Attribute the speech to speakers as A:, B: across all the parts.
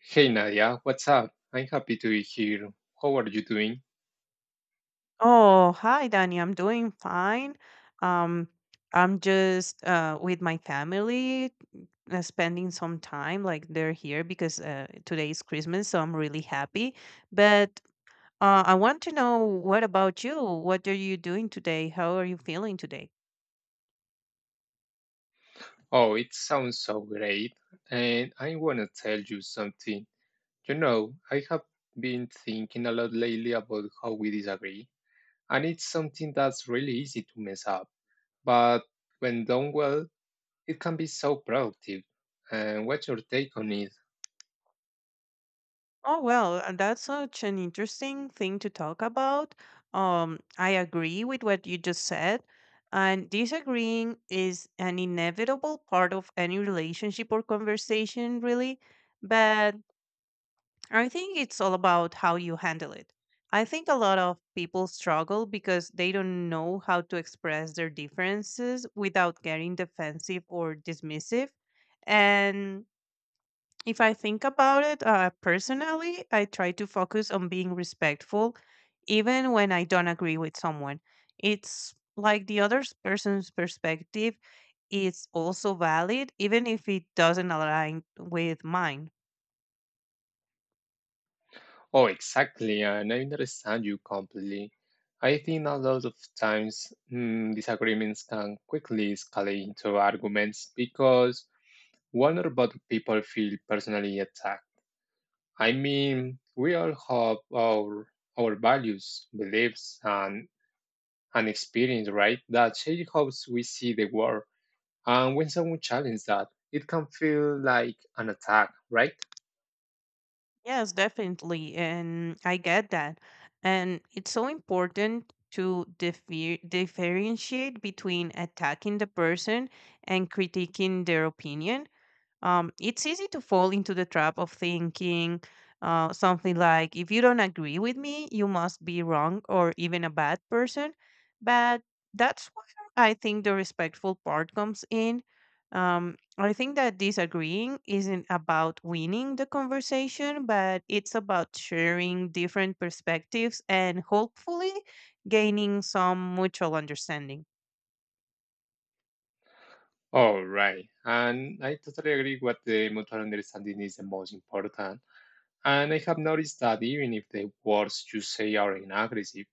A: Hey Nadia, what's up? I'm happy to be here. How are you doing?
B: Oh, hi, Danny. I'm doing fine. Um, I'm just with my family, spending some time. Like they're here because today is Christmas, so I'm really happy. But I want to know what about you? What are you doing today? How are you feeling today?
A: Oh, it sounds so great. And I want to tell you something. You know, I have been thinking a lot lately about how we disagree, and it's something that's really easy to mess up. But when done well, it can be so productive. And what's your take on it?
B: Oh well, and that's such an interesting thing to talk about. I agree with what you just said, and disagreeing is an inevitable part of any relationship or conversation, really. But I think it's all about how you handle it. I think a lot of people struggle because they don't know how to express their differences without getting defensive or dismissive. And if I think about it personally, I try to focus on being respectful, even when I don't agree with someone. It's like the other person's perspective is also valid, even if it doesn't align with mine.
A: Oh, exactly, and I understand you completely. I think a lot of times disagreements can quickly escalate into arguments because one or both people feel personally attacked. I mean, we all have our values, beliefs, and experience, right? That shape how we see the world. And when someone challenges that, it can feel like an attack, right?
B: Yes, definitely. And I get that. And it's so important to differentiate between attacking the person and critiquing their opinion. It's easy to fall into the trap of thinking something like, if you don't agree with me, you must be wrong or even a bad person. But that's where I think the respectful part comes in. I think that disagreeing isn't about winning the conversation, but it's about sharing different perspectives and hopefully gaining some mutual understanding.
A: All right. And I totally agree what the mutual understanding is the most important. And I have noticed that even if the words you say are inaggressive,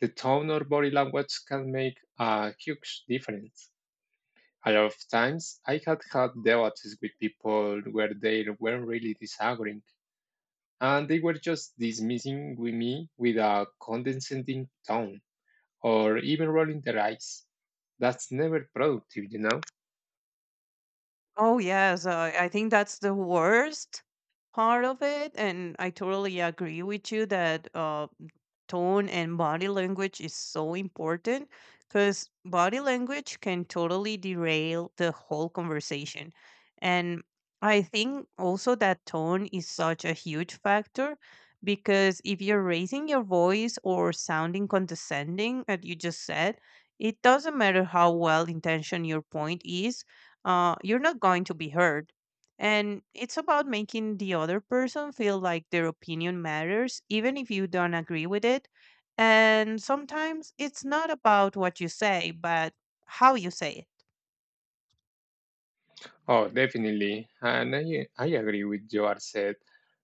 A: the tone or body language can make a huge difference. A lot of times I had had debates with people where they weren't really disagreeing and they were just dismissing with me with a condescending tone or even rolling their eyes. That's never productive, you know?
B: Oh yes, I think that's the worst part of it, and I totally agree with you that tone and body language is so important because body language can totally derail the whole conversation, and I think also that tone is such a huge factor because if you're raising your voice or sounding condescending, as you just said, it doesn't matter how well intentioned your point is. You're not going to be heard. And it's about making the other person feel like their opinion matters, even if you don't agree with it. And sometimes it's not about what you say, but how you say it.
A: Oh, definitely. And I agree with your said.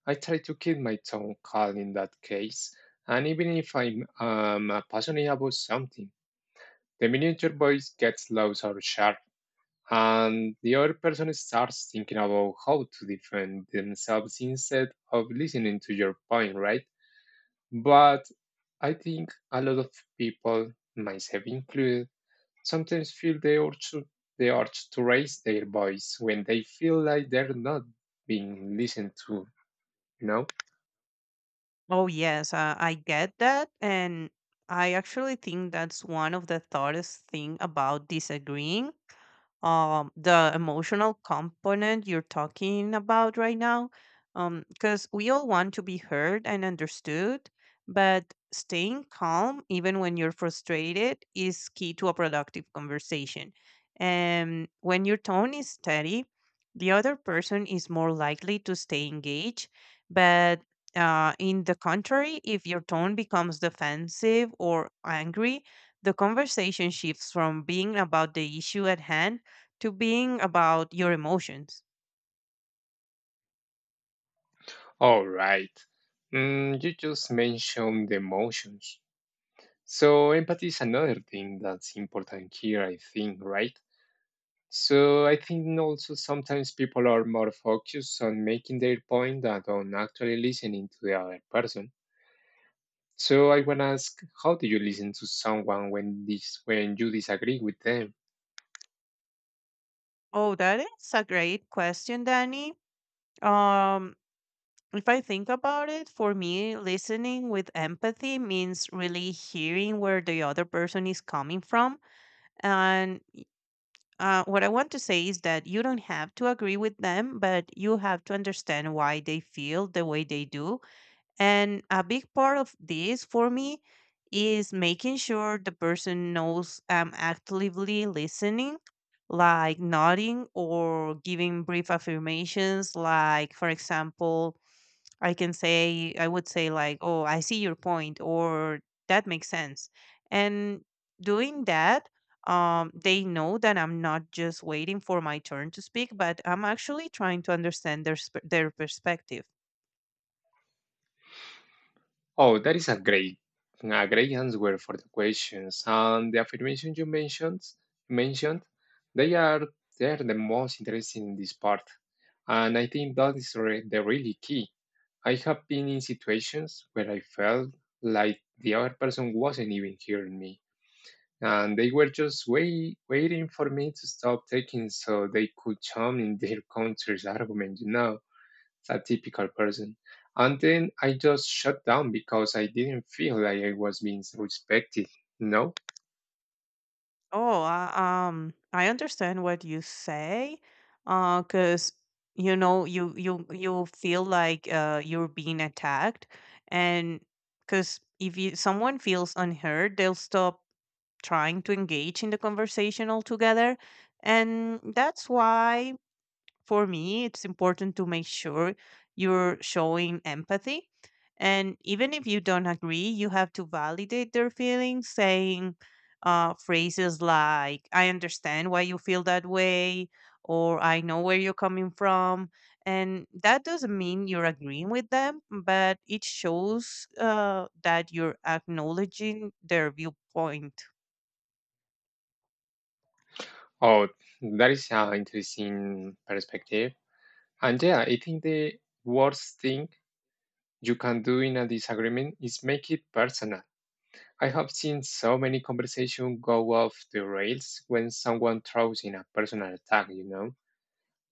A: I try to keep my tongue calm in that case. And even if I'm passionate about something, the miniature voice gets loud or sharp, and the other person starts thinking about how to defend themselves instead of listening to your point, right? But I think a lot of people, myself included, sometimes feel they ought to raise their voice when they feel like they're not being listened to, you know?
B: Oh, yes, I get that. And I actually think that's one of the hardest thing about disagreeing, the emotional component you're talking about right now, because we all want to be heard and understood, but staying calm even when you're frustrated is key to a productive conversation, and when your tone is steady, the other person is more likely to stay engaged. But in the contrary, if your tone becomes defensive or angry, the conversation shifts from being about the issue at hand to being about your emotions.
A: All right. Mm, you just mentioned the emotions. So empathy is another thing that's important here, I think, right? So I think also sometimes people are more focused on making their point than on actually listening to the other person. So I wanna ask, how do you listen to someone when you disagree with them?
B: Oh, that is a great question, Danny. Um, if I think about it, for me, listening with empathy means really hearing where the other person is coming from. And what I want to say is that you don't have to agree with them, but you have to understand why they feel the way they do. And a big part of this for me is making sure the person knows I'm actively listening, like nodding or giving brief affirmations. Like, for example, I can say, I would say, like, oh, I see your point, or that makes sense. And doing that, they know that I'm not just waiting for my turn to speak, but I'm actually trying to understand their, their perspective.
A: Oh, that is a great answer for the questions. And the affirmations you mentioned, they are they are the most interesting in this part. And I think that is the really key. I have been in situations where I felt like the other person wasn't even hearing me, and they were just waiting for me to stop taking so they could chime in their counter argument, you know, a typical person. And then I just shut down because I didn't feel like I was being so respected. No?
B: Oh, I understand what you say, because you know you feel like you're being attacked, and because if you someone feels unheard, they'll stop trying to engage in the conversation altogether, and that's why for me, it's important to make sure you're showing empathy. And even if you don't agree, you have to validate their feelings, saying phrases like, I understand why you feel that way, or I know where you're coming from. And that doesn't mean you're agreeing with them, but it shows that you're acknowledging their viewpoint.
A: Oh, that is an interesting perspective. And yeah, I think the worst thing you can do in a disagreement is make it personal. I have seen so many conversations go off the rails when someone throws in a personal attack, you know?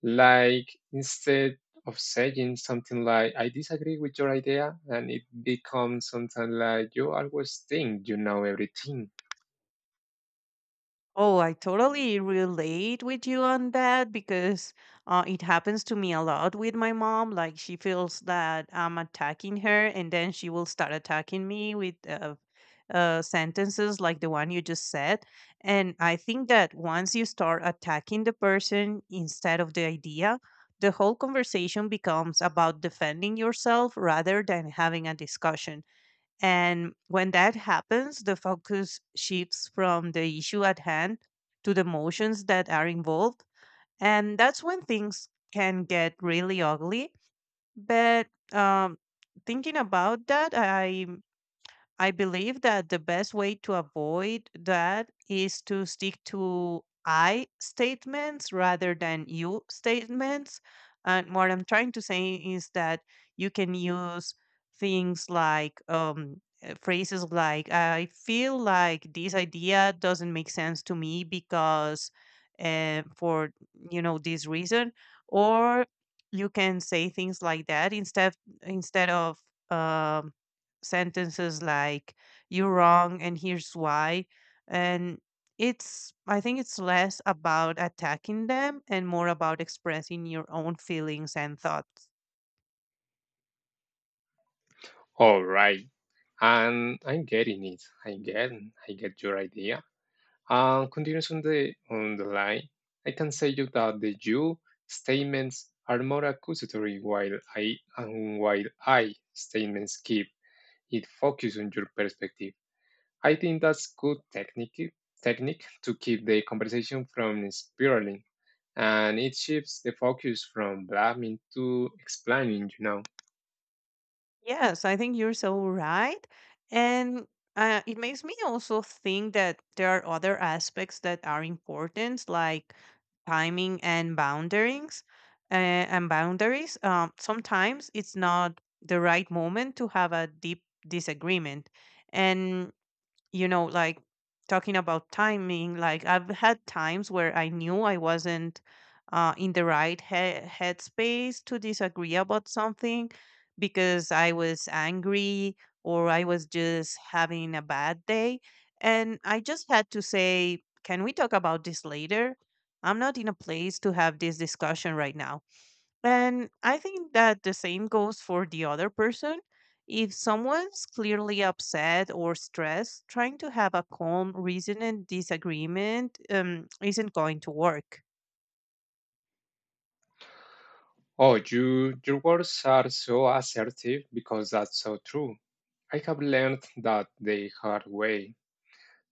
A: Like instead of saying something like, "I disagree with your idea," and it becomes something like, "You always think you know everything."
B: Oh, I totally relate with you on that because it happens to me a lot with my mom. Like she feels that I'm attacking her, and then she will start attacking me with sentences like the one you just said. And I think that once you start attacking the person instead of the idea, the whole conversation becomes about defending yourself rather than having a discussion. And when that happens, the focus shifts from the issue at hand to the emotions that are involved. And that's when things can get really ugly. But um, thinking about that, I believe that the best way to avoid that is to stick to I statements rather than you statements. And what I'm trying to say is that you can use things like phrases like, I feel like this idea doesn't make sense to me because for, you know, this reason. Or you can say things like that instead of, um, sentences like "You're wrong, and here's why," and it's I think it's less about attacking them and more about expressing your own feelings and thoughts.
A: All right. And I'm getting it. I get your idea. And continues on the line. I can say you that the you statements are more accusatory while I and while I statements keep it focused on your perspective. I think that's good technique to keep the conversation from spiraling, and it shifts the focus from blaming to explaining, you know.
B: Yes, I think you're so right, and it makes me also think that there are other aspects that are important, like timing and uh, boundaries. Sometimes it's not the right moment to have a deep disagreement, and you know, like talking about timing, like I've had times where I knew I wasn't in the right headspace to disagree about something because I was angry or I was just having a bad day. And I just had to say, can we talk about this later? I'm not in a place to have this discussion right now. And I think that the same goes for the other person. If someone's clearly upset or stressed, trying to have a calm, reasoned disagreement isn't going to work.
A: Oh, you your words are so assertive because that's so true. I have learned that the hard way.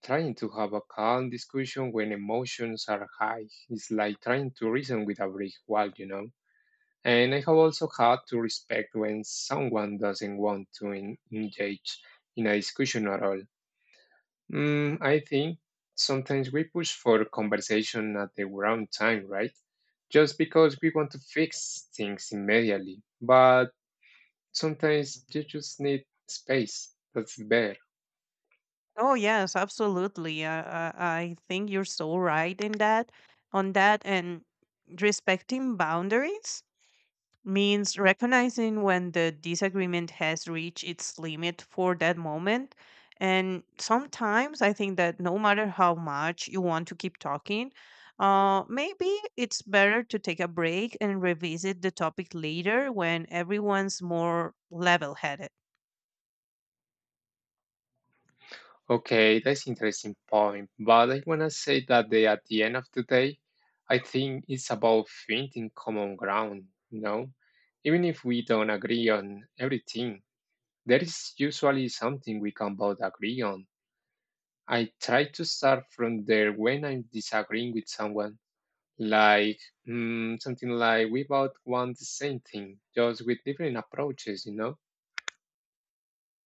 A: Trying to have a calm discussion when emotions are high is like trying to reason with a brick wall, you know. And I have also had to respect when someone doesn't want to engage in a discussion at all. Mm, I think sometimes we push for conversation at the wrong time, right? Just because we want to fix things immediately. But sometimes you just need space. That's better.
B: Oh yes, absolutely. I think you're so right in on that, and respecting boundaries means recognizing when the disagreement has reached its limit for that moment. And sometimes I think that no matter how much you want to keep talking, maybe it's better to take a break and revisit the topic later when everyone's more level headed.
A: Okay, that's interesting point. But I wanna say that they, at the end of the day, I think it's about finding common ground, you know? Even if we don't agree on everything, there is usually something we can both agree on. I try to start from there when I'm disagreeing with someone, like something like, we both want the same thing, just with different approaches, you know?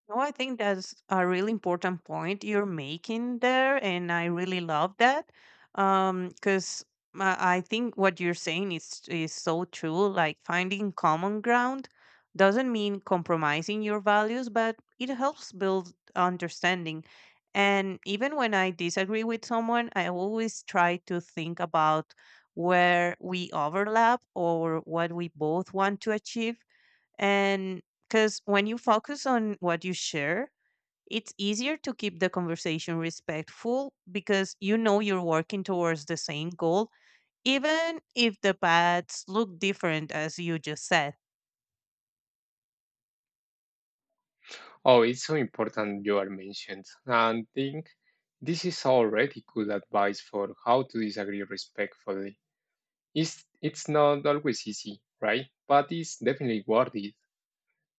B: No, I think that's a really important point you're making there, and I really love that. Because I think what you're saying is so true. Like finding common ground doesn't mean compromising your values, but it helps build understanding. And even when I disagree with someone, I always try to think about where we overlap or what we both want to achieve, and because when you focus on what you share, it's easier to keep the conversation respectful because you know you're working towards the same goal, even if the paths look different, as you just said.
A: Oh, it's so important you are mentioned. And think this is already good advice for how to disagree respectfully. It's not always easy, right? But it's definitely worth it.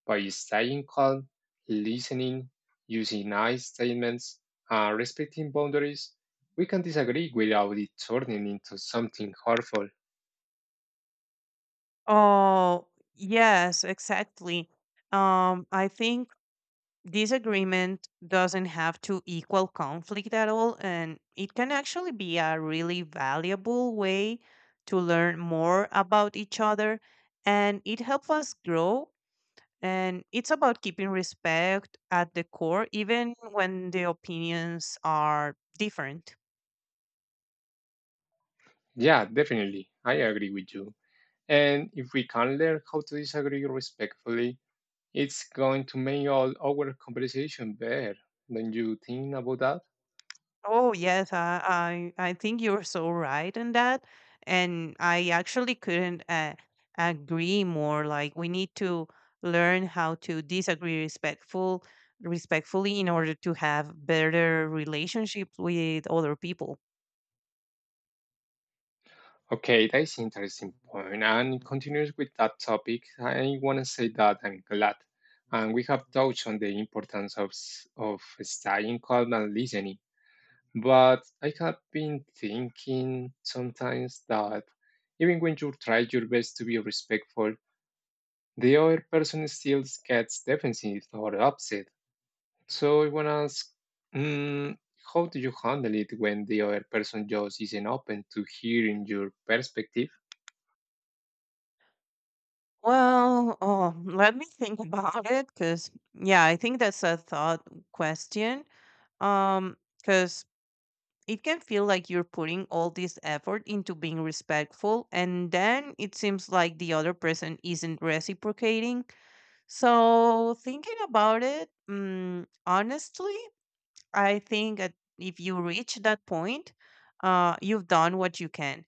A: By staying calm, listening, using nice statements, and respecting boundaries, we can disagree without it turning into something harmful.
B: Oh, yes, exactly. I think disagreement doesn't have to equal conflict at all, and it can actually be a really valuable way to learn more about each other, and it helps us grow, and it's about keeping respect at the core even when the opinions are different.
A: Yeah, definitely. I agree with you. And if we can learn how to disagree respectfully, it's going to make all our conversation better. Don't you think about that?
B: Oh yes, I think you're so right in that, and I actually couldn't agree more. Like we need to learn how to disagree respectfully in order to have better relationships with other people.
A: Okay, that's interesting point. And it continues with that topic. I want to say that I'm glad. And we have touched on the importance of, of staying calm and listening. But I have been thinking sometimes that even when you try your best to be respectful, the other person still gets defensive or upset. So I want to ask, mm, how do you handle it when the other person just isn't open to hearing your perspective?
B: Well, oh, let me think about it because yeah, I think that's a thought question. Um, 'Cause it can feel like you're putting all this effort into being respectful and then it seems like the other person isn't reciprocating, so thinking about it, honestly I think that if you reach that point, you've done what you can.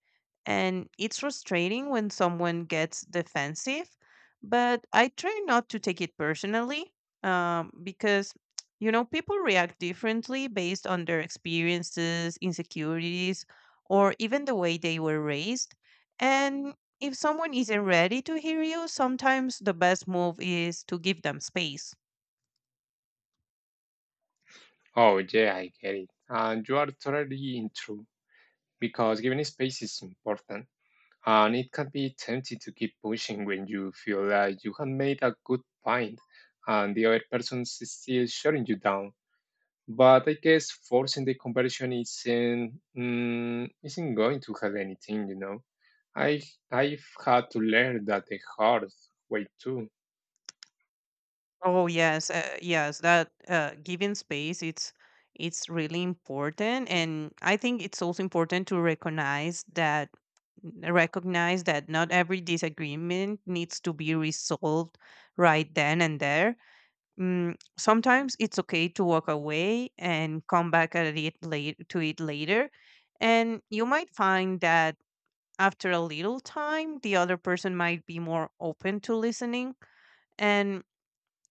B: And it's frustrating when someone gets defensive, but I try not to take it personally because, you know, people react differently based on their experiences, insecurities, or even the way they were raised. And if someone isn't ready to hear you, sometimes the best move is to give them space.
A: Oh, yeah, I get it. And you are totally in true, because giving space is important. And it can be tempting to keep pushing when you feel like you have made a good point and the other person is still shutting you down. But I guess forcing the conversion isn't going to help anything, you know. I I've had to learn that the hard way too.
B: Oh yes, yes. That giving space, it's really important, and I think it's also important to recognize that not every disagreement needs to be resolved right then and there. Mm, sometimes it's okay to walk away and come back at it to it later. And you might find that after a little time, the other person might be more open to listening. And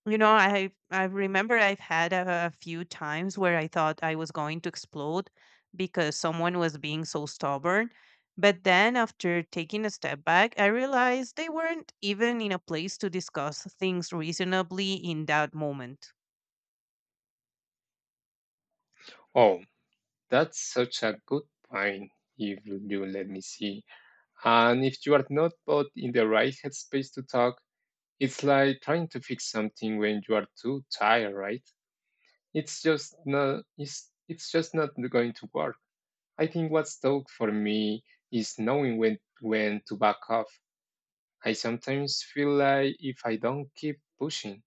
B: you know, I remember I've had a few times where I thought I was going to explode because someone was being so stubborn. But then after taking a step back, I realized they weren't even in a place to discuss things reasonably in that moment.
A: Oh, that's such a good point. If you let me see, and if you are not put in the right headspace to talk, it's like trying to fix something when you are too tired, right? It's just not going to work. I think what's tough for me is knowing when to back off. I sometimes feel like if I don't keep pushing,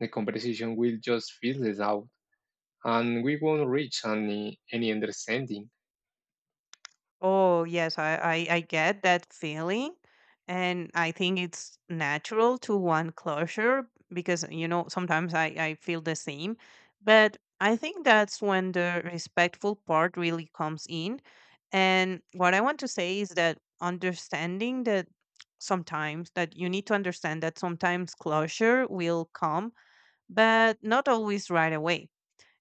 A: the conversation will just fizzle out and we won't reach any understanding.
B: Oh, yes, I get that feeling. And I think it's natural to want closure because, you know, sometimes I feel the same. But I think that's when the respectful part really comes in. And what I want to say is that understanding that sometimes that you need to understand that sometimes closure will come, but not always right away,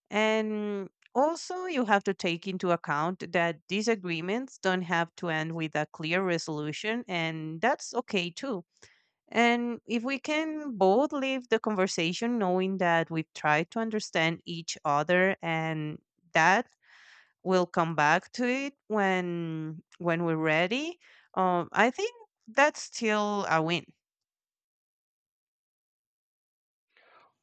B: and also, you have to take into account that these agreements don't have to end with a clear resolution, and that's okay too. And if we can both leave the conversation knowing that we've tried to understand each other and that we'll come back to it when we're ready, I think that's still a win.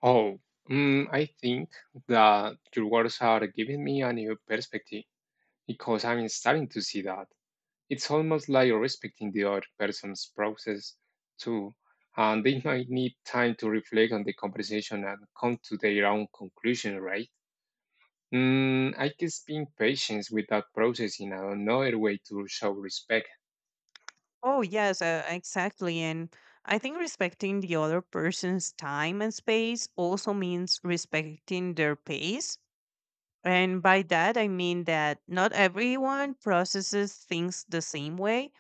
A: Oh, I think that your words are giving me a new perspective because I'm starting to see that. It's almost like respecting the other person's process too, and they might need time to reflect on the conversation and come to their own conclusion, right? Mm, I guess being patient without processing and another way to show respect.
B: Oh, yes, exactly. And I think respecting the other person's time and space also means respecting their pace. And by that, I mean that not everyone processes things the same way.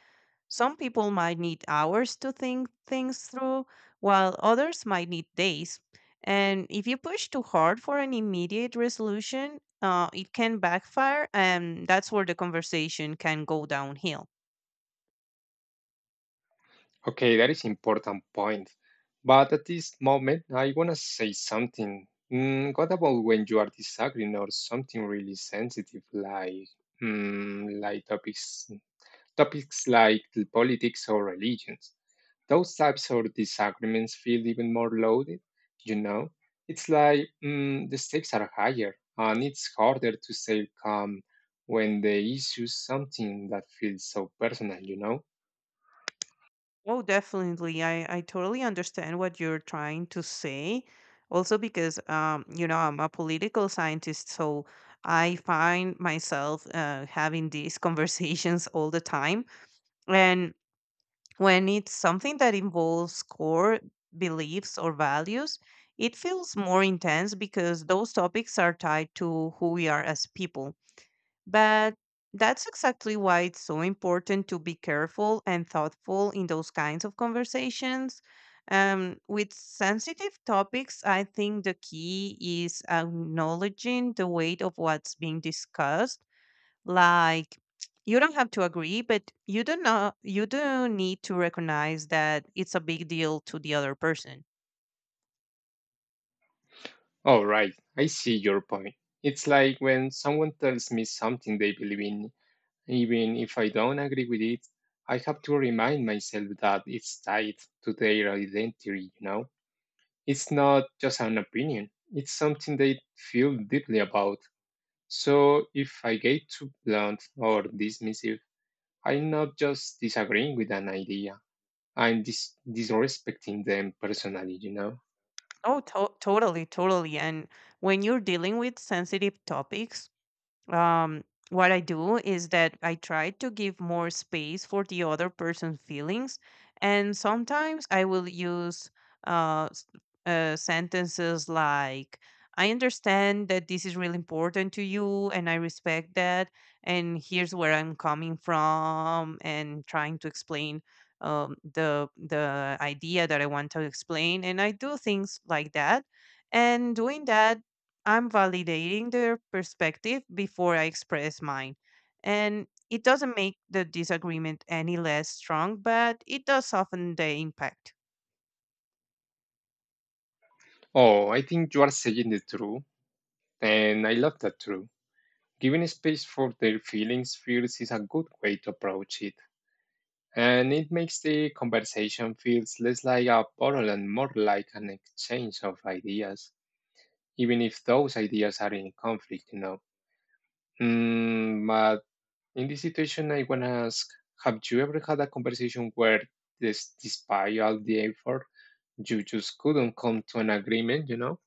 B: Some people might need hours to think things through, while others might need days. And if you push too hard for an immediate resolution, it can backfire, and that's where the conversation can go downhill.
A: Okay, that is important point. But at this moment, I wanna say something. Mm, what about when you are disagreeing or something really sensitive, like like topics like the politics or religions. Those types of disagreements feel even more loaded, you know? It's like the stakes are higher, and it's harder to stay calm when the issue is something that feels so personal, you know?
B: Oh, definitely. I totally understand what you're trying to say. Also, because, you know, I'm a political scientist, so I find myself having these conversations all the time. And when it's something that involves core beliefs or values, it feels more intense because those topics are tied to who we are as people. But that's exactly why it's so important to be careful and thoughtful in those kinds of conversations. With sensitive topics, I think the key is acknowledging the weight of what's being discussed. Like, you don't have to agree, but you do not you do need to recognize that it's a big deal to the other person.
A: Oh, right, I see your point. It's like when someone tells me something they believe in, even if I don't agree with it, I have to remind myself that it's tied to their identity, you know? It's not just an opinion, it's something they feel deeply about. So if I get too blunt or dismissive, I'm not just disagreeing with an idea. I'm disrespecting them personally, you know?
B: Oh, totally. And when you're dealing with sensitive topics, um, what I do is that I try to give more space for the other person's feelings, and sometimes I will use uh, s- sentences like, "I understand that this is really important to you, and I respect that, and here's where I'm coming from," and trying to explain the idea that I want to explain, and I do things like that. And doing that, I'm validating their perspective before I express mine. And it doesn't make the disagreement any less strong, but it does soften the impact.
A: Oh, I think you are saying the truth, and I love that truth. Giving space for their feelings, fears is a good way to approach it. And it makes the conversation feels less like a battle and more like an exchange of ideas, even if those ideas are in conflict, you know. Mm, but in this situation, I want to ask, have you ever had a conversation where, this, despite all the effort, you just couldn't come to an agreement, you know?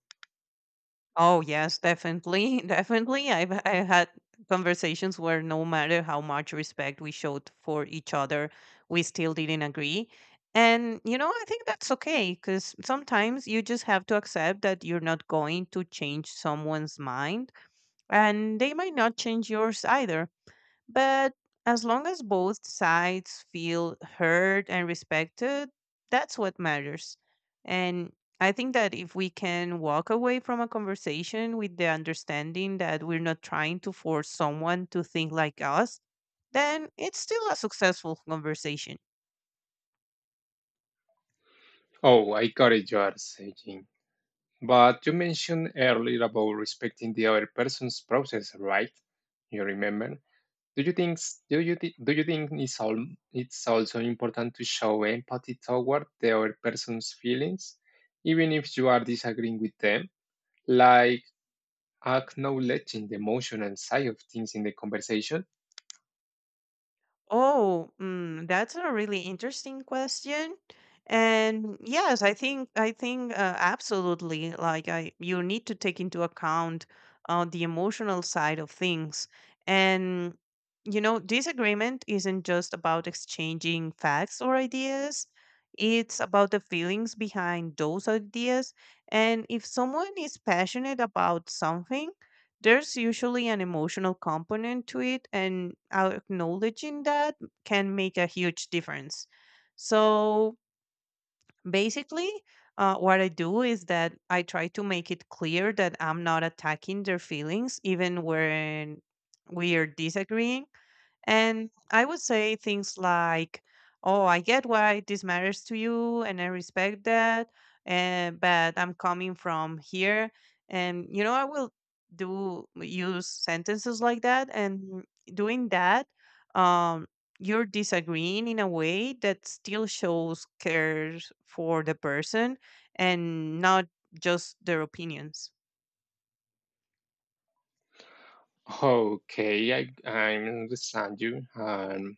B: Oh, yes, definitely. Definitely. I had conversations where no matter how much respect we showed for each other, we still didn't agree. And, you know, I think that's okay because sometimes you just have to accept that you're not going to change someone's mind and they might not change yours either. But as long as both sides feel heard and respected, that's what matters. And I think that if we can walk away from a conversation with the understanding that we're not trying to force someone to think like us, then it's still a successful conversation.
A: Oh, I got it, you are saying. But you mentioned earlier about respecting the other person's process, right? You remember? Do you think s- do you thi- do you think it's all it's also important to show empathy toward the other person's feelings, even if you are disagreeing with them, like acknowledging the emotional side of things in the conversation?
B: Oh, mm, that's a really interesting question. And yes, I think absolutely. Like, I, you need to take into account the emotional side of things. And you know, disagreement isn't just about exchanging facts or ideas. It's about the feelings behind those ideas. And if someone is passionate about something, there's usually an emotional component to it, and acknowledging that can make a huge difference. So basically, what I do is that I try to make it clear that I'm not attacking their feelings even when we are disagreeing, and I would say things like, "Oh, I get why this matters to you, and I respect that, and but I'm coming from here." And you know, I will do use sentences like that, and doing that, um, you're disagreeing in a way that still shows cares for the person and not just their opinions.
A: Okay, I understand you, and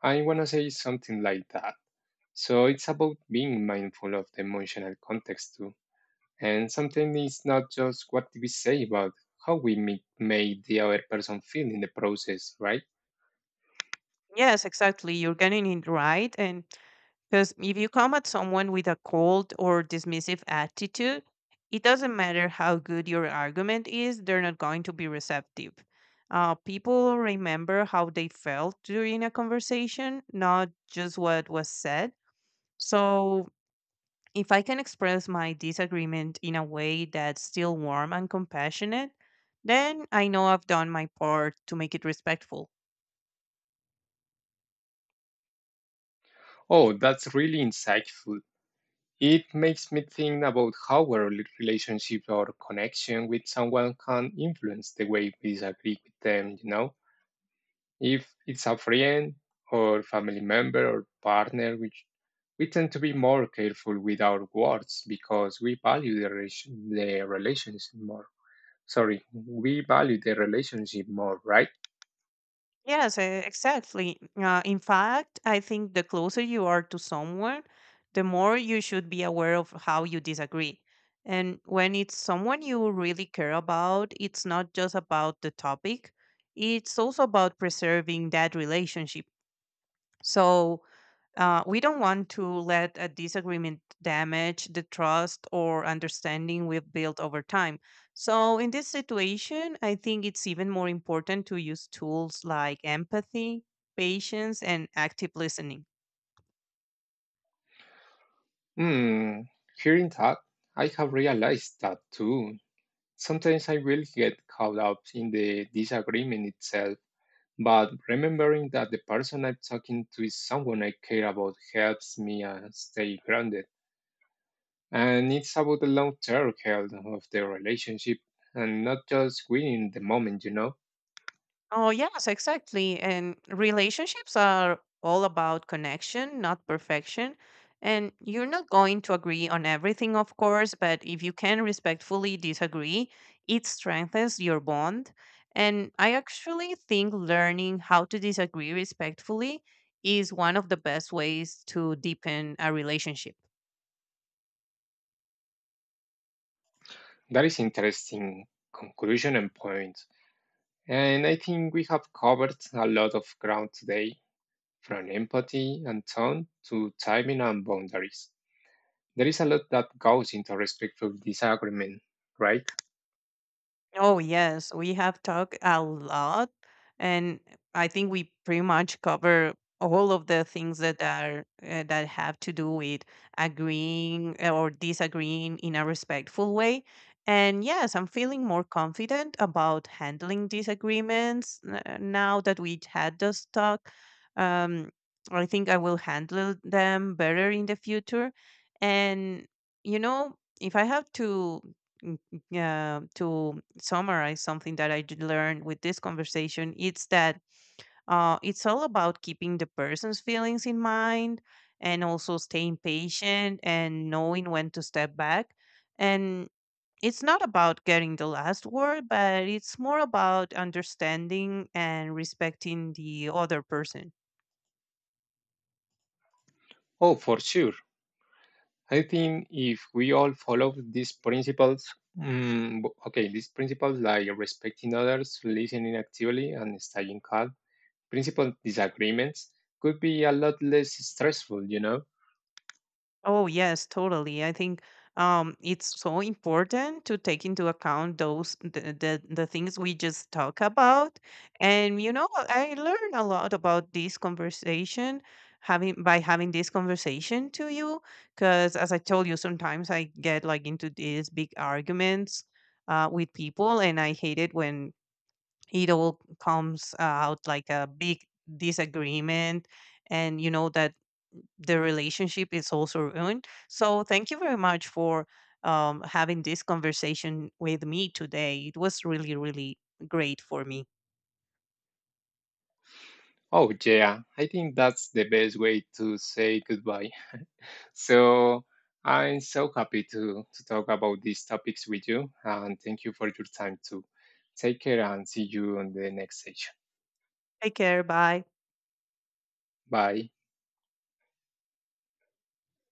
A: I wanna say something like that. So it's about being mindful of the emotional context too. And sometimes it's not just what we say, but how we make, made the other person feel in the process, right?
B: Yes, exactly. You're getting it right, and because if you come at someone with a cold or dismissive attitude, it doesn't matter how good your argument is, they're not going to be receptive. People remember how they felt during a conversation, not just what was said. So, if I can express my disagreement in a way that's still warm and compassionate, then I know I've done my part to make it respectful.
A: Oh, that's really insightful. It makes me think about how our relationship or connection with someone can influence the way we disagree with them, you know? If it's a friend or family member or partner, which we tend to be more careful with our words because we value the relationship more. Sorry, we value the relationship more, right?
B: Yes, exactly. In fact, I think the closer you are to someone, the more you should be aware of how you disagree. And when it's someone you really care about, it's not just about the topic, it's also about preserving that relationship. So, we don't want to let a disagreement damage the trust or understanding we've built over time. So, in this situation, I think it's even more important to use tools like empathy, patience, and active listening.
A: Hmm, hearing that, I have realized that too. Sometimes I will get caught up in the disagreement itself, but remembering that the person I'm talking to is someone I care about helps me stay grounded. And it's about the long term health of the relationship and not just winning the moment, you know?
B: Oh, yes, exactly. And relationships are all about connection, not perfection. And you're not going to agree on everything, of course, but if you can respectfully disagree, it strengthens your bond. And I actually think learning how to disagree respectfully is one of the best ways to deepen a relationship.
A: That is interesting conclusion and point. And I think we have covered a lot of ground today, from empathy and tone to timing and boundaries. There is a lot that goes into respectful disagreement, right?
B: Oh, yes, we have talked a lot, and I think we pretty much cover all of the things that are that have to do with agreeing or disagreeing in a respectful way. And yes, I'm feeling more confident about handling disagreements now that we had this talk. Um, I think I will handle them better in the future. And you know, if I have to summarize something that I did learn with this conversation, it's that it's all about keeping the person's feelings in mind and also staying patient and knowing when to step back. And it's not about getting the last word, but it's more about understanding and respecting the other person.
A: Oh, for sure. I think if we all follow these principles, these principles like respecting others, listening actively, and staying calm, principal disagreements could be a lot less stressful, you know?
B: Oh, yes, totally. I think it's so important to take into account the things we just talk about. And you know, I learn a lot about this conversation having this conversation to you, because as I told you, sometimes I get like into these big arguments with people, and I hate it when it all comes out like a big disagreement, and you know that the relationship is also ruined. So thank you very much for having this conversation with me today. It was really, really great for me.
A: Oh, yeah, I think that's the best way to say goodbye. So I'm so happy to talk about these topics with you. And thank you for your time too. Take care and see you on the next session.
B: Take care. Bye.
A: Bye.